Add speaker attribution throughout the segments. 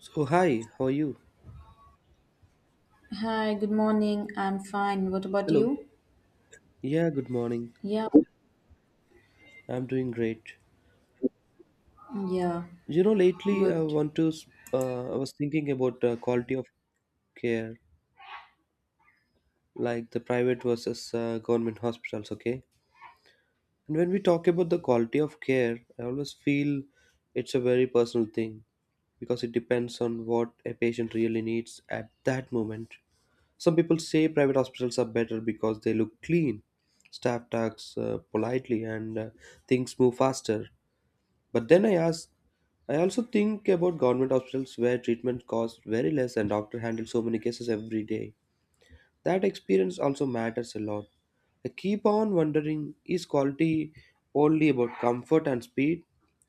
Speaker 1: So, hi, how are you?
Speaker 2: Hi, good morning. I'm fine. What about
Speaker 1: Hello.
Speaker 2: you?
Speaker 1: Yeah, good morning.
Speaker 2: Yeah,
Speaker 1: I'm doing great.
Speaker 2: yeah,
Speaker 1: You know, lately I
Speaker 2: Good.
Speaker 1: want to, I was thinking about quality of care, like the private versus government hospitals, okay? And when we talk about the quality of care, I always feel it's a very personal thing because it depends on what a patient really needs at that moment. Some people say private hospitals are better because they look clean, staff talks politely, and things move faster. But then I ask, I also think about government hospitals where treatment costs very less and doctor handle so many cases every day. That experience also matters a lot. I keep on wondering is quality only about comfort and speed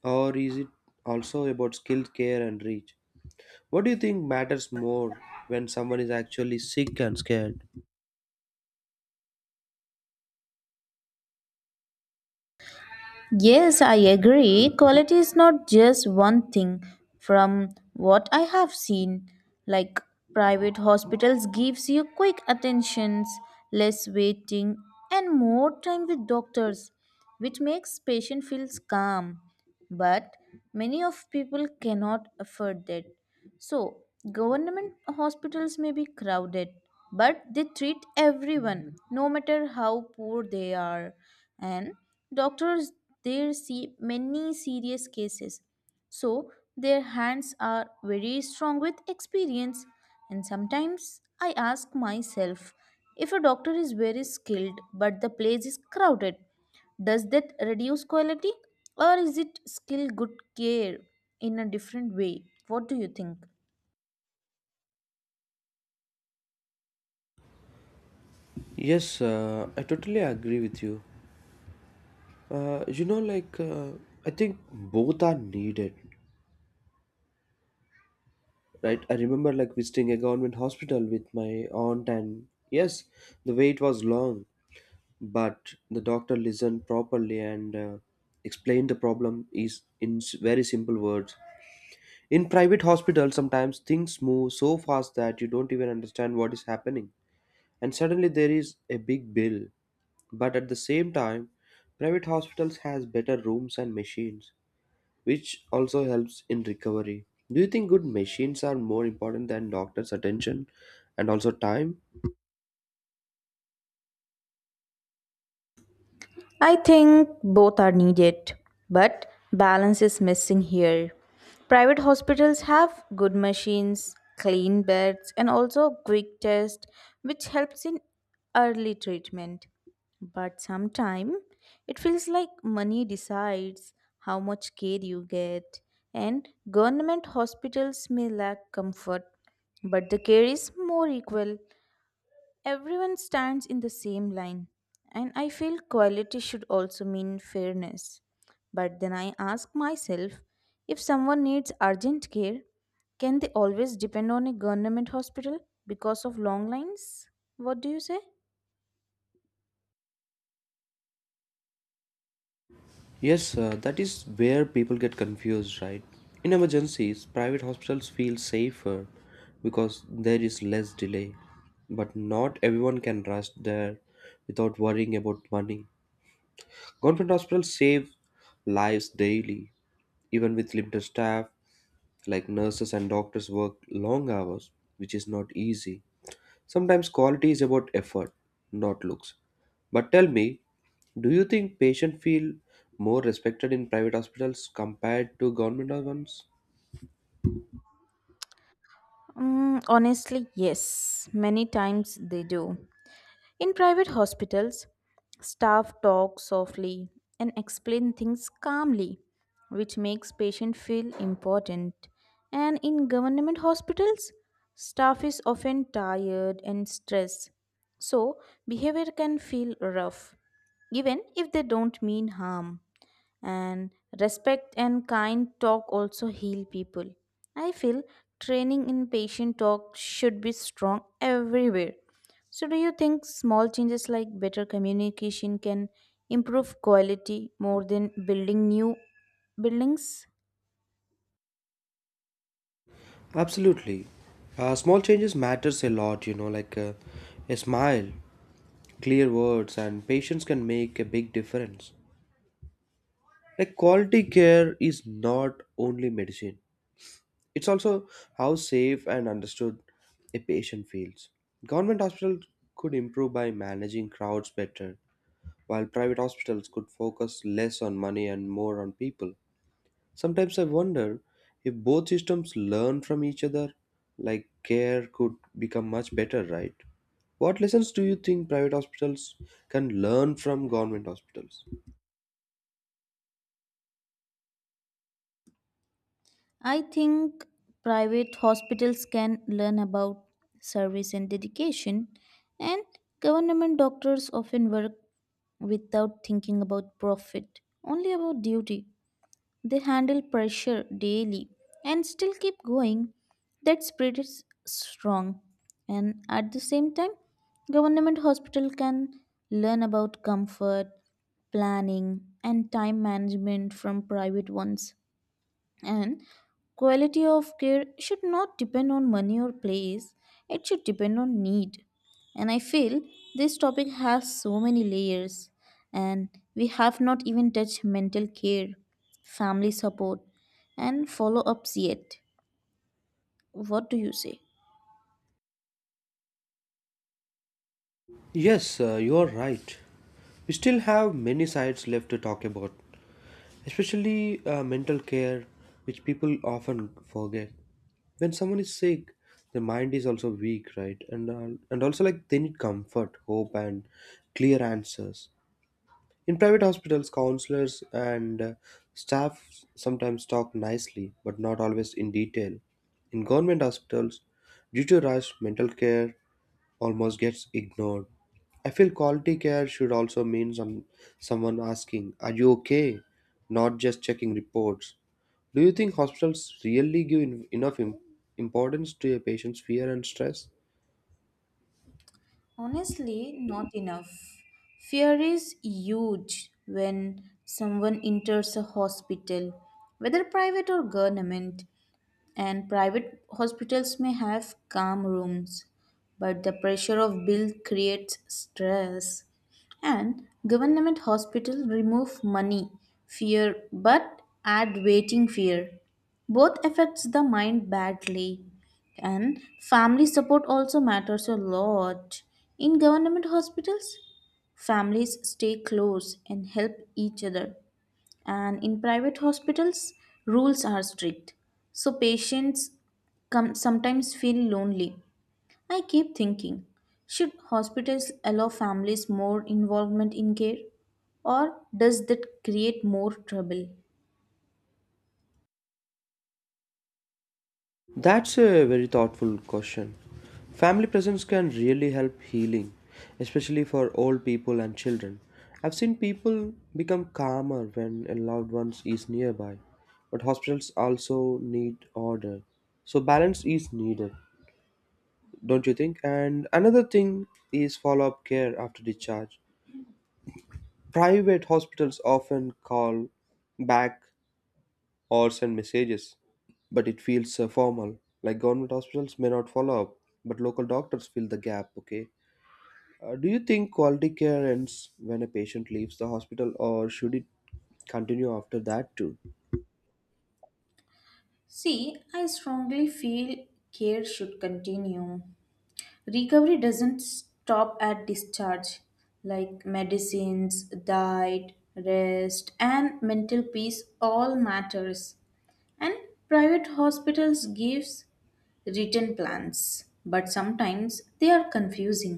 Speaker 1: or is it also about skilled care and reach? What do you think matters more when someone is actually sick and scared?
Speaker 2: Yes, I agree. Quality is not just one thing. From what I have seen, like private hospitals gives you quick attentions, less waiting and more time with doctors, which makes patient feels calm. But many of people cannot afford that. So, government hospitals may be crowded, but they treat everyone, no matter how poor they are. And doctors there see many serious cases, so their hands are very strong with experience. And sometimes I ask myself if a doctor is very skilled but the place is crowded, does that reduce quality or is it still good care in a different way? What do you think?
Speaker 1: Yes, I totally agree with you. You know, I think both are needed. Right, I remember like visiting a government hospital with my aunt, and yes, the wait was long, but the doctor listened properly and explained the problem is in very simple words. In private hospitals, sometimes things move so fast that you don't even understand what is happening, and suddenly there is a big bill. But at the same time, private hospitals has better rooms and machines, which also helps in recovery. Do you think good machines are more important than doctors' attention and also time?
Speaker 2: I think both are needed, but balance is missing here. Private hospitals have good machines, clean beds, and also quick tests, which helps in early treatment. But sometimes it feels like money decides how much care you get, and government hospitals may lack comfort, but the care is more equal. Everyone stands in the same line, and I feel quality should also mean fairness. But then I ask myself if someone needs urgent care, can they always depend on a government hospital because of long lines? What do you say?
Speaker 1: Yes, that is where people get confused, right? In emergencies, private hospitals feel safer because there is less delay, but not everyone can rush there without worrying about money. Government hospitals save lives daily, even with limited staff, like nurses and doctors work long hours, which is not easy. Sometimes quality is about effort, not looks. But tell me, do you think patients feel more respected in private hospitals compared to government ones?
Speaker 2: Honestly, yes, many times they do. In private hospitals, staff talk softly and explain things calmly, which makes patient feel important. And in government hospitals, staff is often tired and stressed, so behavior can feel rough, even if they don't mean harm and respect and kind talk also heal people. I feel training in patient talk should be strong everywhere. So do you think small changes like better communication can improve quality more than building new buildings?
Speaker 1: Absolutely. Small changes matters a lot, a smile, clear words, and patience can make a big difference. Like quality care is not only medicine; it's also how safe and understood a patient feels. Government hospitals could improve by managing crowds better, while private hospitals could focus less on money and more on people. Sometimes I wonder if both systems learn from each other, like care could become much better, right? What lessons do you think private hospitals can learn from government hospitals?
Speaker 2: I think private hospitals can learn about service and dedication, and government doctors often work without thinking about profit, only about duty. They handle pressure daily and still keep going. That spirit is strong. And at the same time, government hospital can learn about comfort, planning, and time management from private ones. And quality of care should not depend on money or place, it should depend on need. And I feel this topic has so many layers, and we have not even touched mental care, family support, and follow ups yet. What do you say?
Speaker 1: Yes, you are right. We still have many sides left to talk about, especially mental care, which people often forget. When someone is sick, their mind is also weak, right? And also like they need comfort, hope, and clear answers. In private hospitals, counselors and staff sometimes talk nicely, but not always in detail. In government hospitals, due to rush, mental care almost gets ignored. I feel quality care should also mean someone asking, "Are you okay?" not just checking reports. Do you think hospitals really give enough importance to a patient's fear and stress?
Speaker 2: Honestly, not enough. Fear is huge when someone enters a hospital, whether private or government. And private hospitals may have calm rooms, but the pressure of bill creates stress. And government hospitals remove money, fear, but add waiting fear. Both affects the mind badly. And family support also matters a lot. In government hospitals, families stay close and help each other, and in private hospitals rules are strict, so patients come sometimes feel lonely. I keep thinking, should hospitals allow families more involvement in care, or does that create more trouble?
Speaker 1: That's a very thoughtful question. Family presence can really help healing, especially for old people and children. I've seen people become calmer when a loved one is nearby, but hospitals also need order. So, balance is needed, don't you think? And another thing is follow up care after discharge. Private hospitals often call back or send messages, but it feels formal. Like government hospitals may not follow up, but local doctors fill the gap, okay? Do you think quality care ends when a patient leaves the hospital, or should it continue after that too?
Speaker 2: See, I strongly feel care should continue. Recovery doesn't stop at discharge. Like medicines, diet, rest and mental peace all matters. And private hospitals gives written plans, but sometimes they are confusing.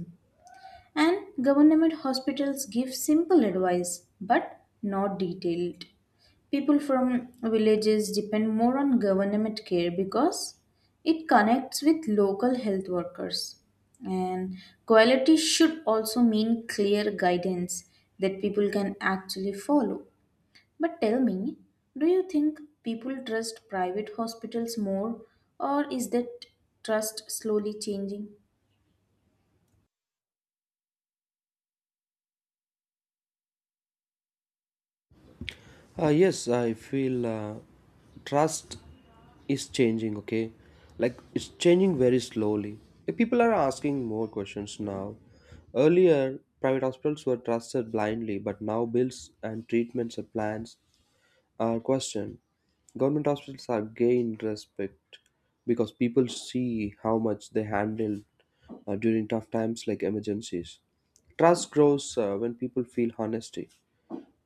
Speaker 2: And government hospitals give simple advice, but not detailed. People from villages depend more on government care because it connects with local health workers. And quality should also mean clear guidance that people can actually follow. But tell me, do you think people trust private hospitals more, or is that trust slowly changing?
Speaker 1: Yes, I feel trust is changing, okay? Like it's changing very slowly. Like, people are asking more questions now. Earlier, private hospitals were trusted blindly, but now bills and treatments are planned. Our question: government hospitals are gain respect because people see how much they handle during tough times like emergencies. Trust grows when people feel honesty.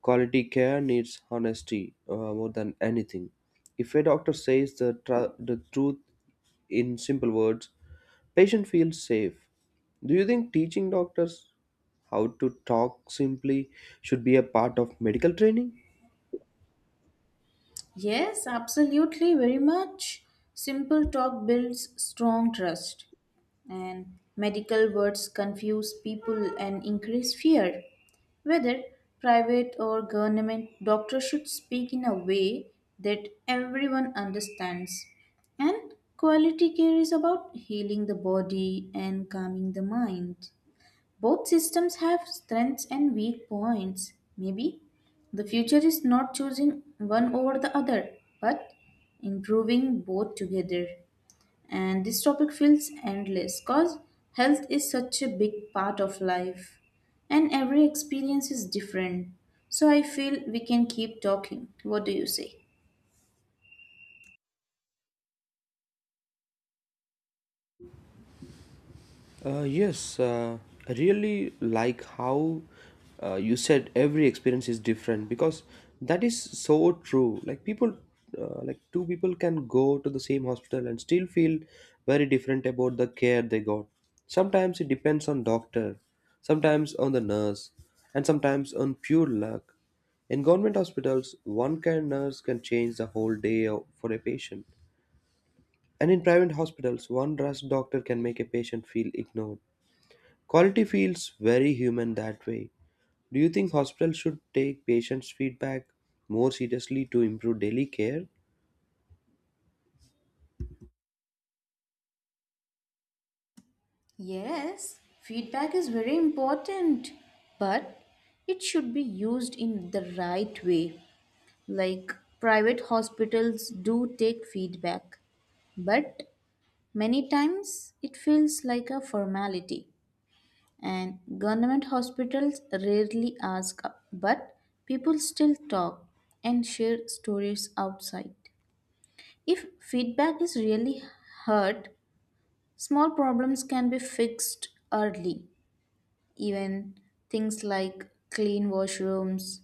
Speaker 1: Quality care needs honesty more than anything. If a doctor says the truth in simple words, patient feels safe. Do you think teaching doctors how to talk simply should be a part of medical training?
Speaker 2: Yes, absolutely, very much. Simple talk builds strong trust, and medical words confuse people and increase fear. Whether private or government, doctors should speak in a way that everyone understands. And quality care is about healing the body and calming the mind. Both systems have strengths and weak points. Maybe the future is not choosing one over the other, but improving both together. And this topic feels endless because health is such a big part of life and every experience is different. So I feel we can keep talking. What do you say?
Speaker 1: Uh, yes, uh, I really like how you said every experience is different because that is so true. Like people, two people can go to the same hospital and still feel very different about the care they got. Sometimes it depends on doctor, sometimes on the nurse, and sometimes on pure luck. In government hospitals, one kind nurse can change the whole for a patient. And in private hospitals, one rush doctor can make a patient feel ignored. Quality feels very human that way. Do you think hospitals should take patients' feedback more seriously to improve daily care?
Speaker 2: Yes, feedback is very important, but it should be used in the right way. Like private hospitals do take feedback, but many times it feels like a formality. And government hospitals rarely ask, but people still talk and share stories outside. If feedback is really heard, small problems can be fixed early. Even things like clean washrooms,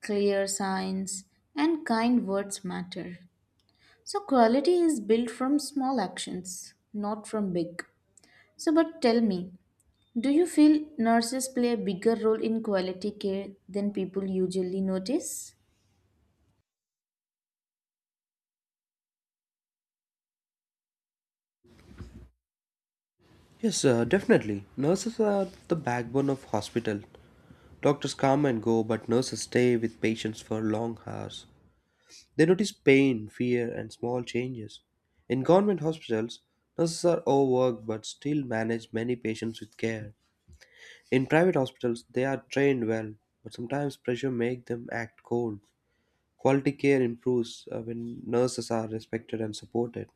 Speaker 2: clear signs, and kind words matter. So quality is built from small actions, not from big. So but tell me, do you feel nurses play a bigger role in quality care than people usually notice?
Speaker 1: Yes, definitely. Nurses are the backbone of hospital. Doctors come and go, but nurses stay with patients for long hours. They notice pain, fear, and small changes. In government hospitals, nurses are overworked but still manage many patients with care. In private hospitals, they are trained well, but sometimes pressure makes them act cold. Quality care improves when nurses are respected and supported.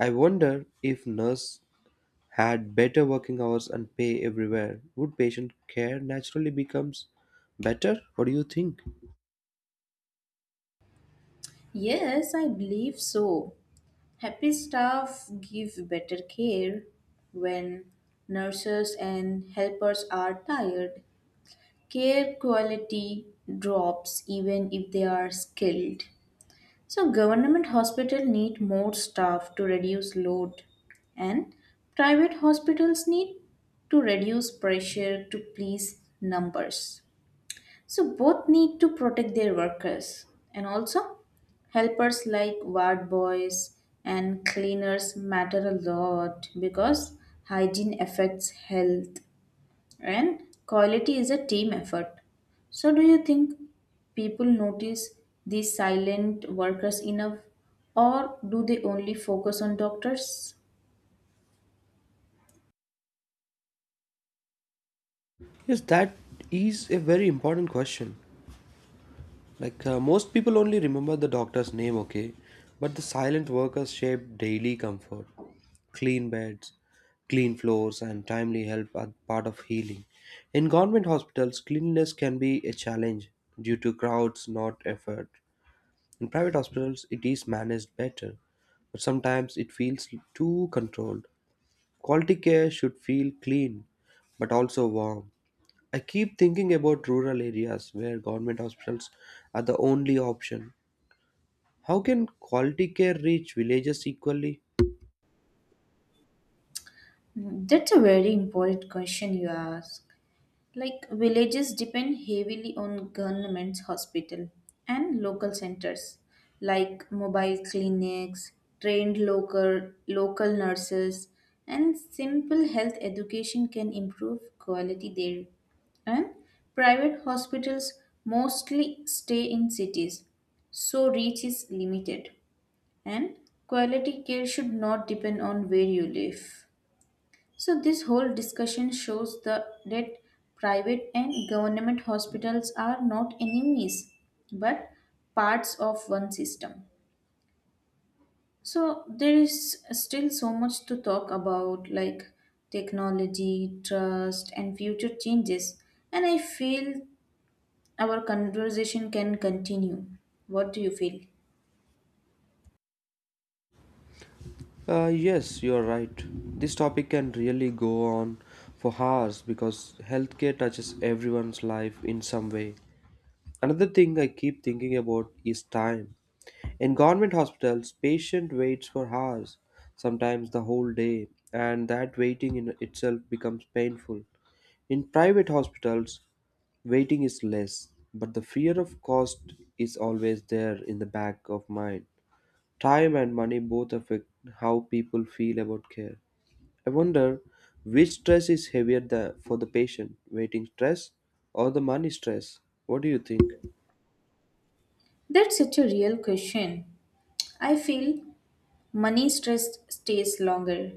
Speaker 1: I wonder if nurse had better working hours and pay everywhere, would patient care naturally becomes better? What do you think?
Speaker 2: Yes, I believe so. Happy staff give better care. When nurses and helpers are tired, care quality drops even if they are skilled. So government hospital need more staff to reduce load, and private hospitals need to reduce pressure to please numbers. So both need to protect their workers, and also helpers like ward boys and cleaners matter a lot because hygiene affects health and quality is a team effort. So, do you think people notice these silent workers enough, or do they only focus on doctors?
Speaker 1: Yes, that is a very important question. Like most people only remember the doctor's name, okay, but the silent workers shape daily comfort. Clean beds, clean floors, and timely help are part of healing. In government hospitals, cleanliness can be a challenge due to crowds, not effort. In private hospitals, it is managed better, but sometimes it feels too controlled. Quality care should feel clean but also warm. I keep thinking about rural areas where government hospitals are the only option. How can quality care reach villages equally?
Speaker 2: Hmm, that's a very important question you ask. Like villages depend heavily on government's hospital and local centers like mobile clinics, trained local nurses and simple health education can improve quality there. And private hospitals mostly stay in cities, so reach is limited, and quality care should not depend on where you live. So, this whole discussion shows that private and government hospitals are not enemies but parts of one system. So, there is still so much to talk about, like technology, trust, and future changes. And I feel our conversation can continue. What do you feel?
Speaker 1: Yes, you are right. This topic can really go on for hours because healthcare touches everyone's life in some way. Another thing I keep thinking about is time. In government hospitals, patient waits for hours, sometimes the whole day, and that waiting in itself becomes painful. In private hospitals, waiting is less, but the fear of cost is always there in the back of mind. Time and money both affect how people feel about care. I wonder which stress is heavier for the patient, waiting stress or the money stress? What do you think?
Speaker 2: That's such a real question. I feel money stress stays longer.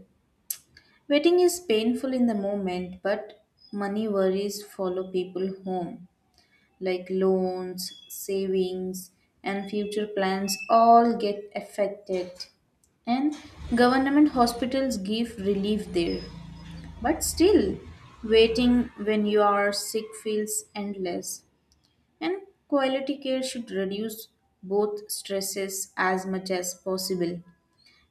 Speaker 2: Waiting is painful in the moment, but money worries follow people home, like loans, savings, and future plans all get affected. And government hospitals give relief there. But still, waiting when you are sick feels endless. And quality care should reduce both stresses as much as possible.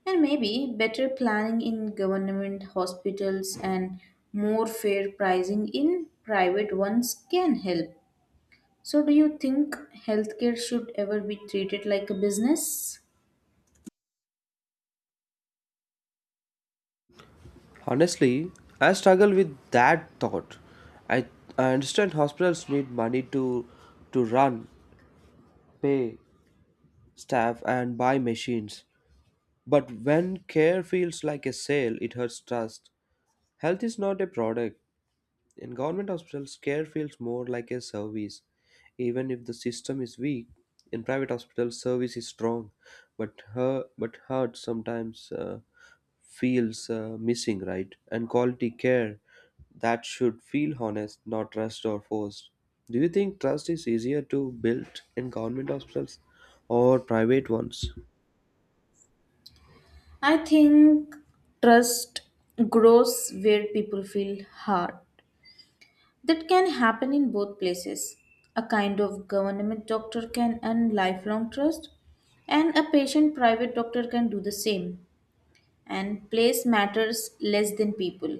Speaker 2: And maybe better planning in government hospitals and more fair pricing in private ones can help. So, do you think healthcare should ever be treated like a business?
Speaker 1: Honestly, I struggle with that thought. I, I understand hospitals need money to run, pay staff, and buy machines. But when care feels like a sale, it hurts trust. Health is not a product. In government hospitals, care feels more like a service, even if the system is weak. In private hospitals, service is strong, but her but hurt sometimes feels missing, right? And quality care that should feel honest, not rushed or forced. Do you think trust is easier to build in government hospitals or private ones?
Speaker 2: I think trust grows where people feel hard. That can happen in both places. A kind of government doctor can earn lifelong trust, and a patient private doctor can do the same. And place matters less than people.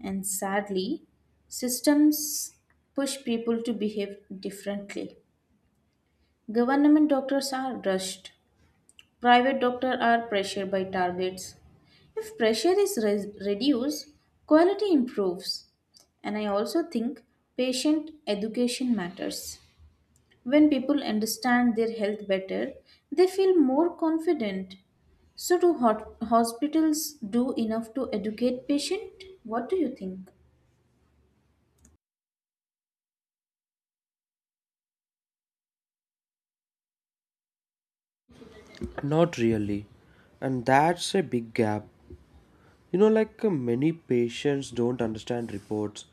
Speaker 2: And sadly, systems push people to behave differently. Government doctors are rushed, private doctors are pressured by targets. If pressure is reduced, quality improves. And I also think patient education matters. When people understand their health better, they feel more confident. So, do hospitals do enough to educate patient? What do you think?
Speaker 1: Not really, and that's a big gap. You know, like many patients don't understand reports,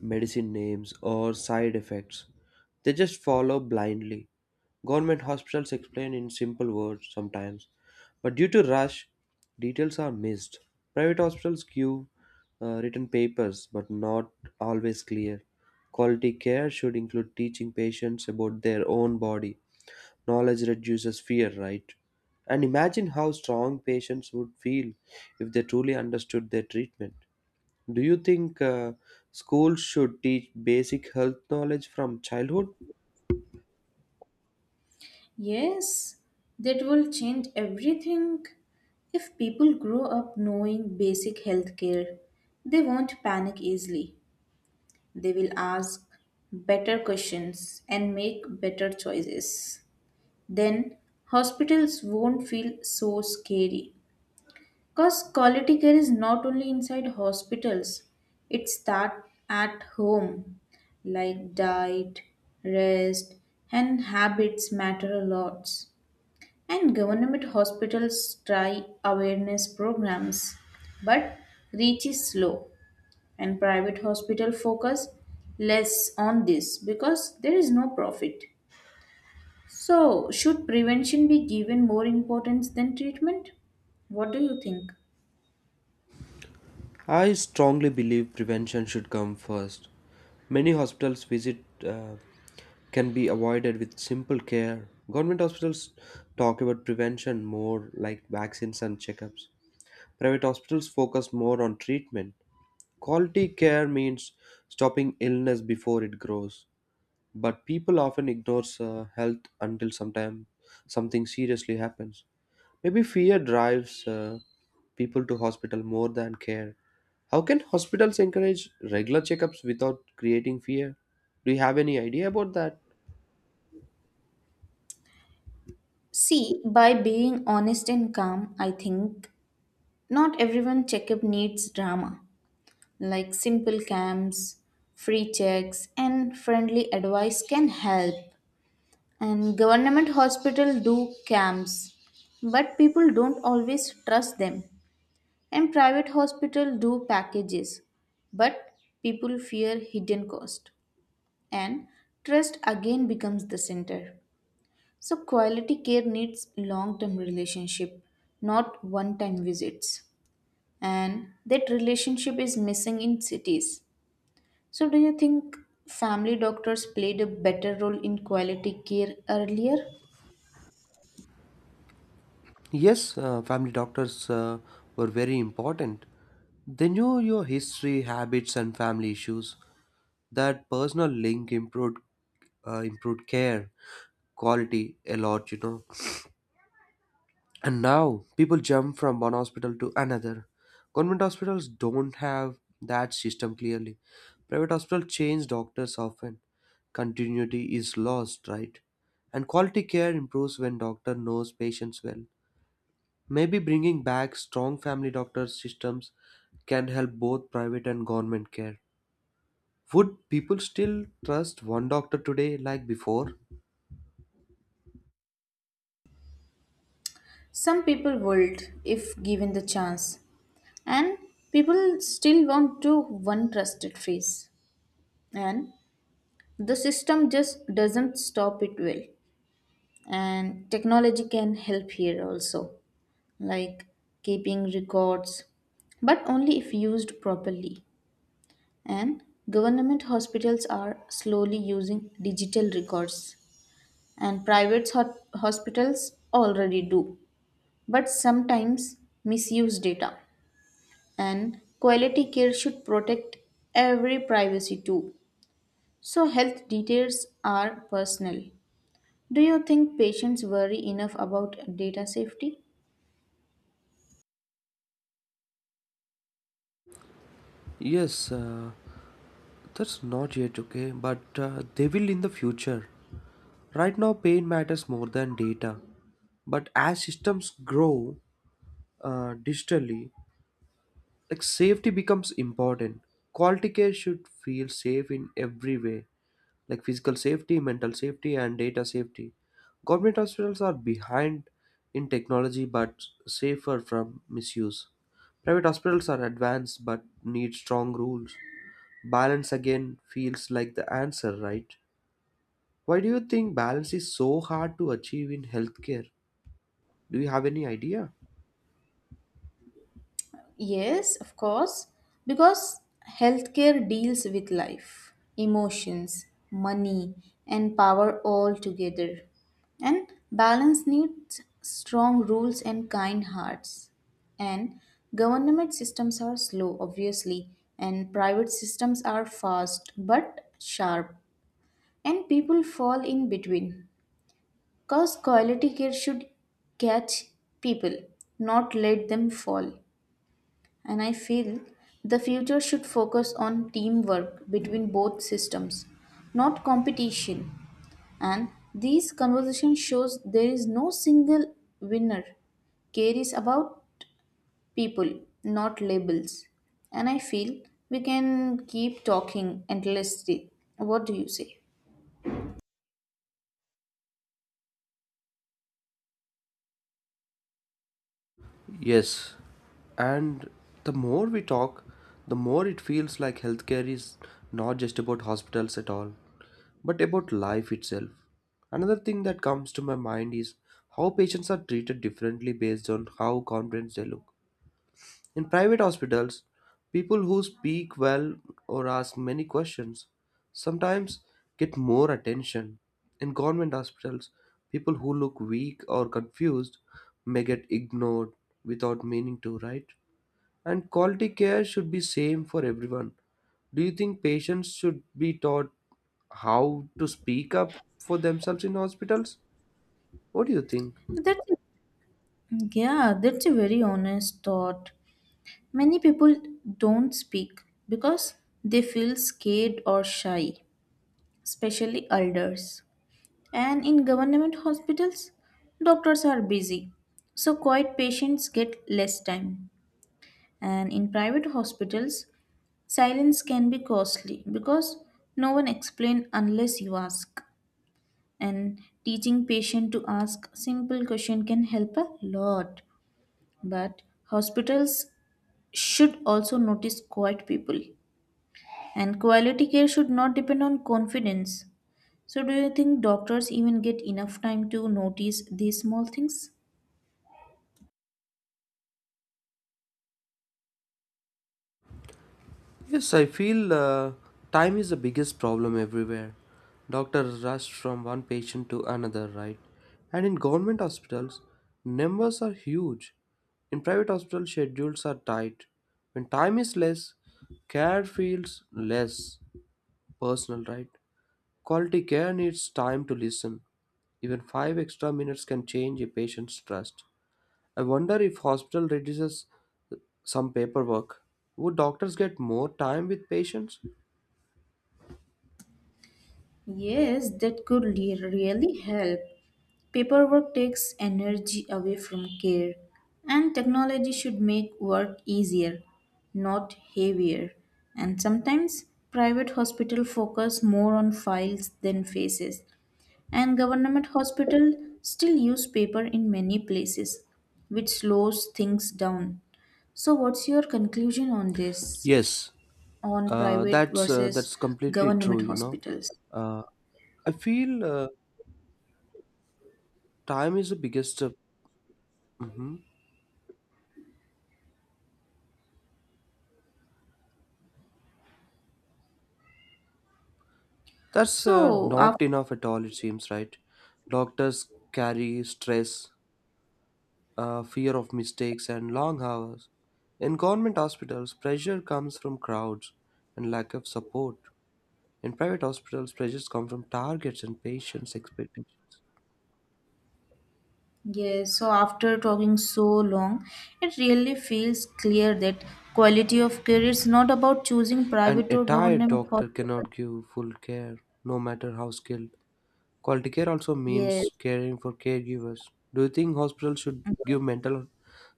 Speaker 1: medicine names, or side effects. They just follow blindly. Government hospitals explain in simple words sometimes, but due to rush, details are missed. Private hospitals give written papers, but not always clear. Quality care should include teaching patients about their own body. Knowledge reduces fear, right? And imagine how strong patients would feel if they truly understood their treatment. Do you think schools should teach basic health knowledge from childhood?
Speaker 2: Yes, that will change everything. If people grow up knowing basic health care, they won't panic easily. They will ask better questions and make better choices. Then hospitals won't feel so scary. Because quality care is not only inside hospitals, it starts at home. Like diet, rest, and habits matter a lot. And government hospitals try awareness programs, but reach is slow. And private hospital focus less on this because there is no profit. So, should prevention be given more importance than treatment? What do you think?
Speaker 1: I strongly believe prevention should come first. Many hospitals visit can be avoided with simple care. Government hospitals talk about prevention more like vaccines and checkups. Private hospitals focus more on treatment. Quality care means stopping illness before it grows, but people often ignore health until sometime something seriously happens. Maybe fear drives people to hospital more than care. How can hospitals encourage regular checkups without creating fear? Do you have any idea about that?
Speaker 2: See, by being honest and calm, I think not everyone checkup needs drama. Like simple camps, free checks, and friendly advice can help. And government hospital do camps but people don't always trust them, and private hospital do packages, but people fear hidden cost, and trust again becomes the center. So quality care needs long term relationship, not one time visits, and that relationship is missing in cities. So do you think family doctors played a better role in quality care earlier?
Speaker 1: Yes, family doctors were very important. They knew your history, habits, and family issues. That personal link improved care quality a lot, you know. And now people jump from one hospital to another. Government hospitals don't have that system clearly. Private hospitals change doctors often. Continuity is lost, right? And quality care improves when doctor knows patients well. Maybe bringing back strong family doctor systems can help both private and government care. Would people still trust one doctor today like before?
Speaker 2: Some people would if given the chance, and people still want to one trusted face, and the system just doesn't stop it well. And technology can help here also, like keeping records, but only if used properly. And government hospitals are slowly using digital records, and private hospitals already do, but sometimes misuse data. And quality care should protect every privacy too. So health details are personal. Do you think patients worry enough about data safety?
Speaker 1: Yes, that's not yet okay, but they will in the future. Right now, pain matters more than data. But as systems grow digitally, like safety becomes important. Quality care should feel safe in every way, like physical safety, mental safety, and data safety. Government hospitals are behind in technology but safer from misuse. Private hospitals are advanced but need strong rules. Balance again feels like the answer, right? Why do you think balance is so hard to achieve in healthcare? Do you have any idea?
Speaker 2: Yes, of course, because healthcare deals with life, emotions, money, and power all together. And balance needs strong rules and kind hearts. And government systems are slow, obviously, and private systems are fast but sharp. And people fall in between. Because quality care should catch people, not let them fall. And I feel the future should focus on teamwork between both systems, not competition. And these conversation shows there is no single winner. Care is about people, not labels. And I feel we can keep talking endlessly. What do you say?
Speaker 1: Yes, and the more we talk, the more it feels like healthcare is not just about hospitals at all, but about life itself. Another thing that comes to my mind is how patients are treated differently based on how confident they look. In private hospitals, people who speak well or ask many questions sometimes get more attention. In government hospitals, people who look weak or confused may get ignored without meaning to, right? And quality care should be same for everyone. Do you think patients should be taught how to speak up for themselves in hospitals? What do you think?
Speaker 2: That's Yeah, that's a very honest thought. Many people don't speak because they feel scared or shy, especially elders. And in government hospitals, doctors are busy, so quiet patients get less time. And in private hospitals, silence can be costly because no one explains unless you ask. And teaching patient to ask simple question can help a lot. But hospitals should also notice quiet people. And quality care should not depend on confidence. So, do you think doctors even get enough time to notice these small things?
Speaker 1: Yes, I feel time is the biggest problem everywhere. Doctors rush from one patient to another, right? And in government hospitals, numbers are huge. In private hospitals, schedules are tight. When time is less, care feels less personal, right? Quality care needs time to listen. Even 5 extra minutes can change a patient's trust. I wonder if hospital reduces some paperwork. Would doctors get more time with patients?
Speaker 2: Yes, that could really help. Paperwork takes energy away from care, and technology should make work easier, not heavier. And sometimes private hospital focus more on files than faces, and government hospital still use paper in many places, which slows things down. So what's your conclusion on this?
Speaker 1: Yes,
Speaker 2: On private versus
Speaker 1: that's completely true.
Speaker 2: government
Speaker 1: You know,
Speaker 2: hospitals.
Speaker 1: uh, I feel time is the biggest. Hmm. That's
Speaker 2: So, after
Speaker 1: not enough at all. It seems right. Doctors carry stress, fear of mistakes, and long hours. In government hospitals, pressure comes from crowds and lack of support. In private hospitals, pressures come from targets and patients' expectations.
Speaker 2: Yes, so after talking so long, it really feels clear that quality of care is not about choosing
Speaker 1: An
Speaker 2: private
Speaker 1: a
Speaker 2: or
Speaker 1: tired
Speaker 2: government
Speaker 1: doctor
Speaker 2: hospitals.
Speaker 1: cannot give full care, no matter how skilled. Quality care also
Speaker 2: Yes,
Speaker 1: means caring for caregivers. Do you think hospitals should give mental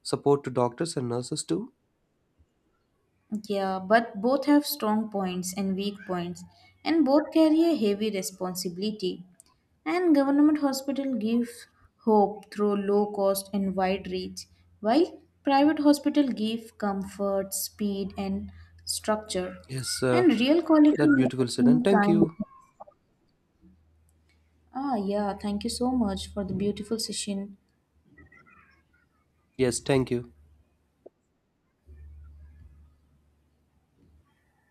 Speaker 1: support to doctors and nurses too?
Speaker 2: yeah, but both have strong points and weak points, and both carry a heavy responsibility. And government hospital give hope through low cost and wide reach, while private hospital give comfort, speed and structure.
Speaker 1: Yes,
Speaker 2: And real quality
Speaker 1: that
Speaker 2: lives
Speaker 1: beautiful said. And
Speaker 2: in
Speaker 1: thank
Speaker 2: kindness.
Speaker 1: you.
Speaker 2: Ah yeah, thank you so much for the beautiful session.
Speaker 1: Yes, thank you.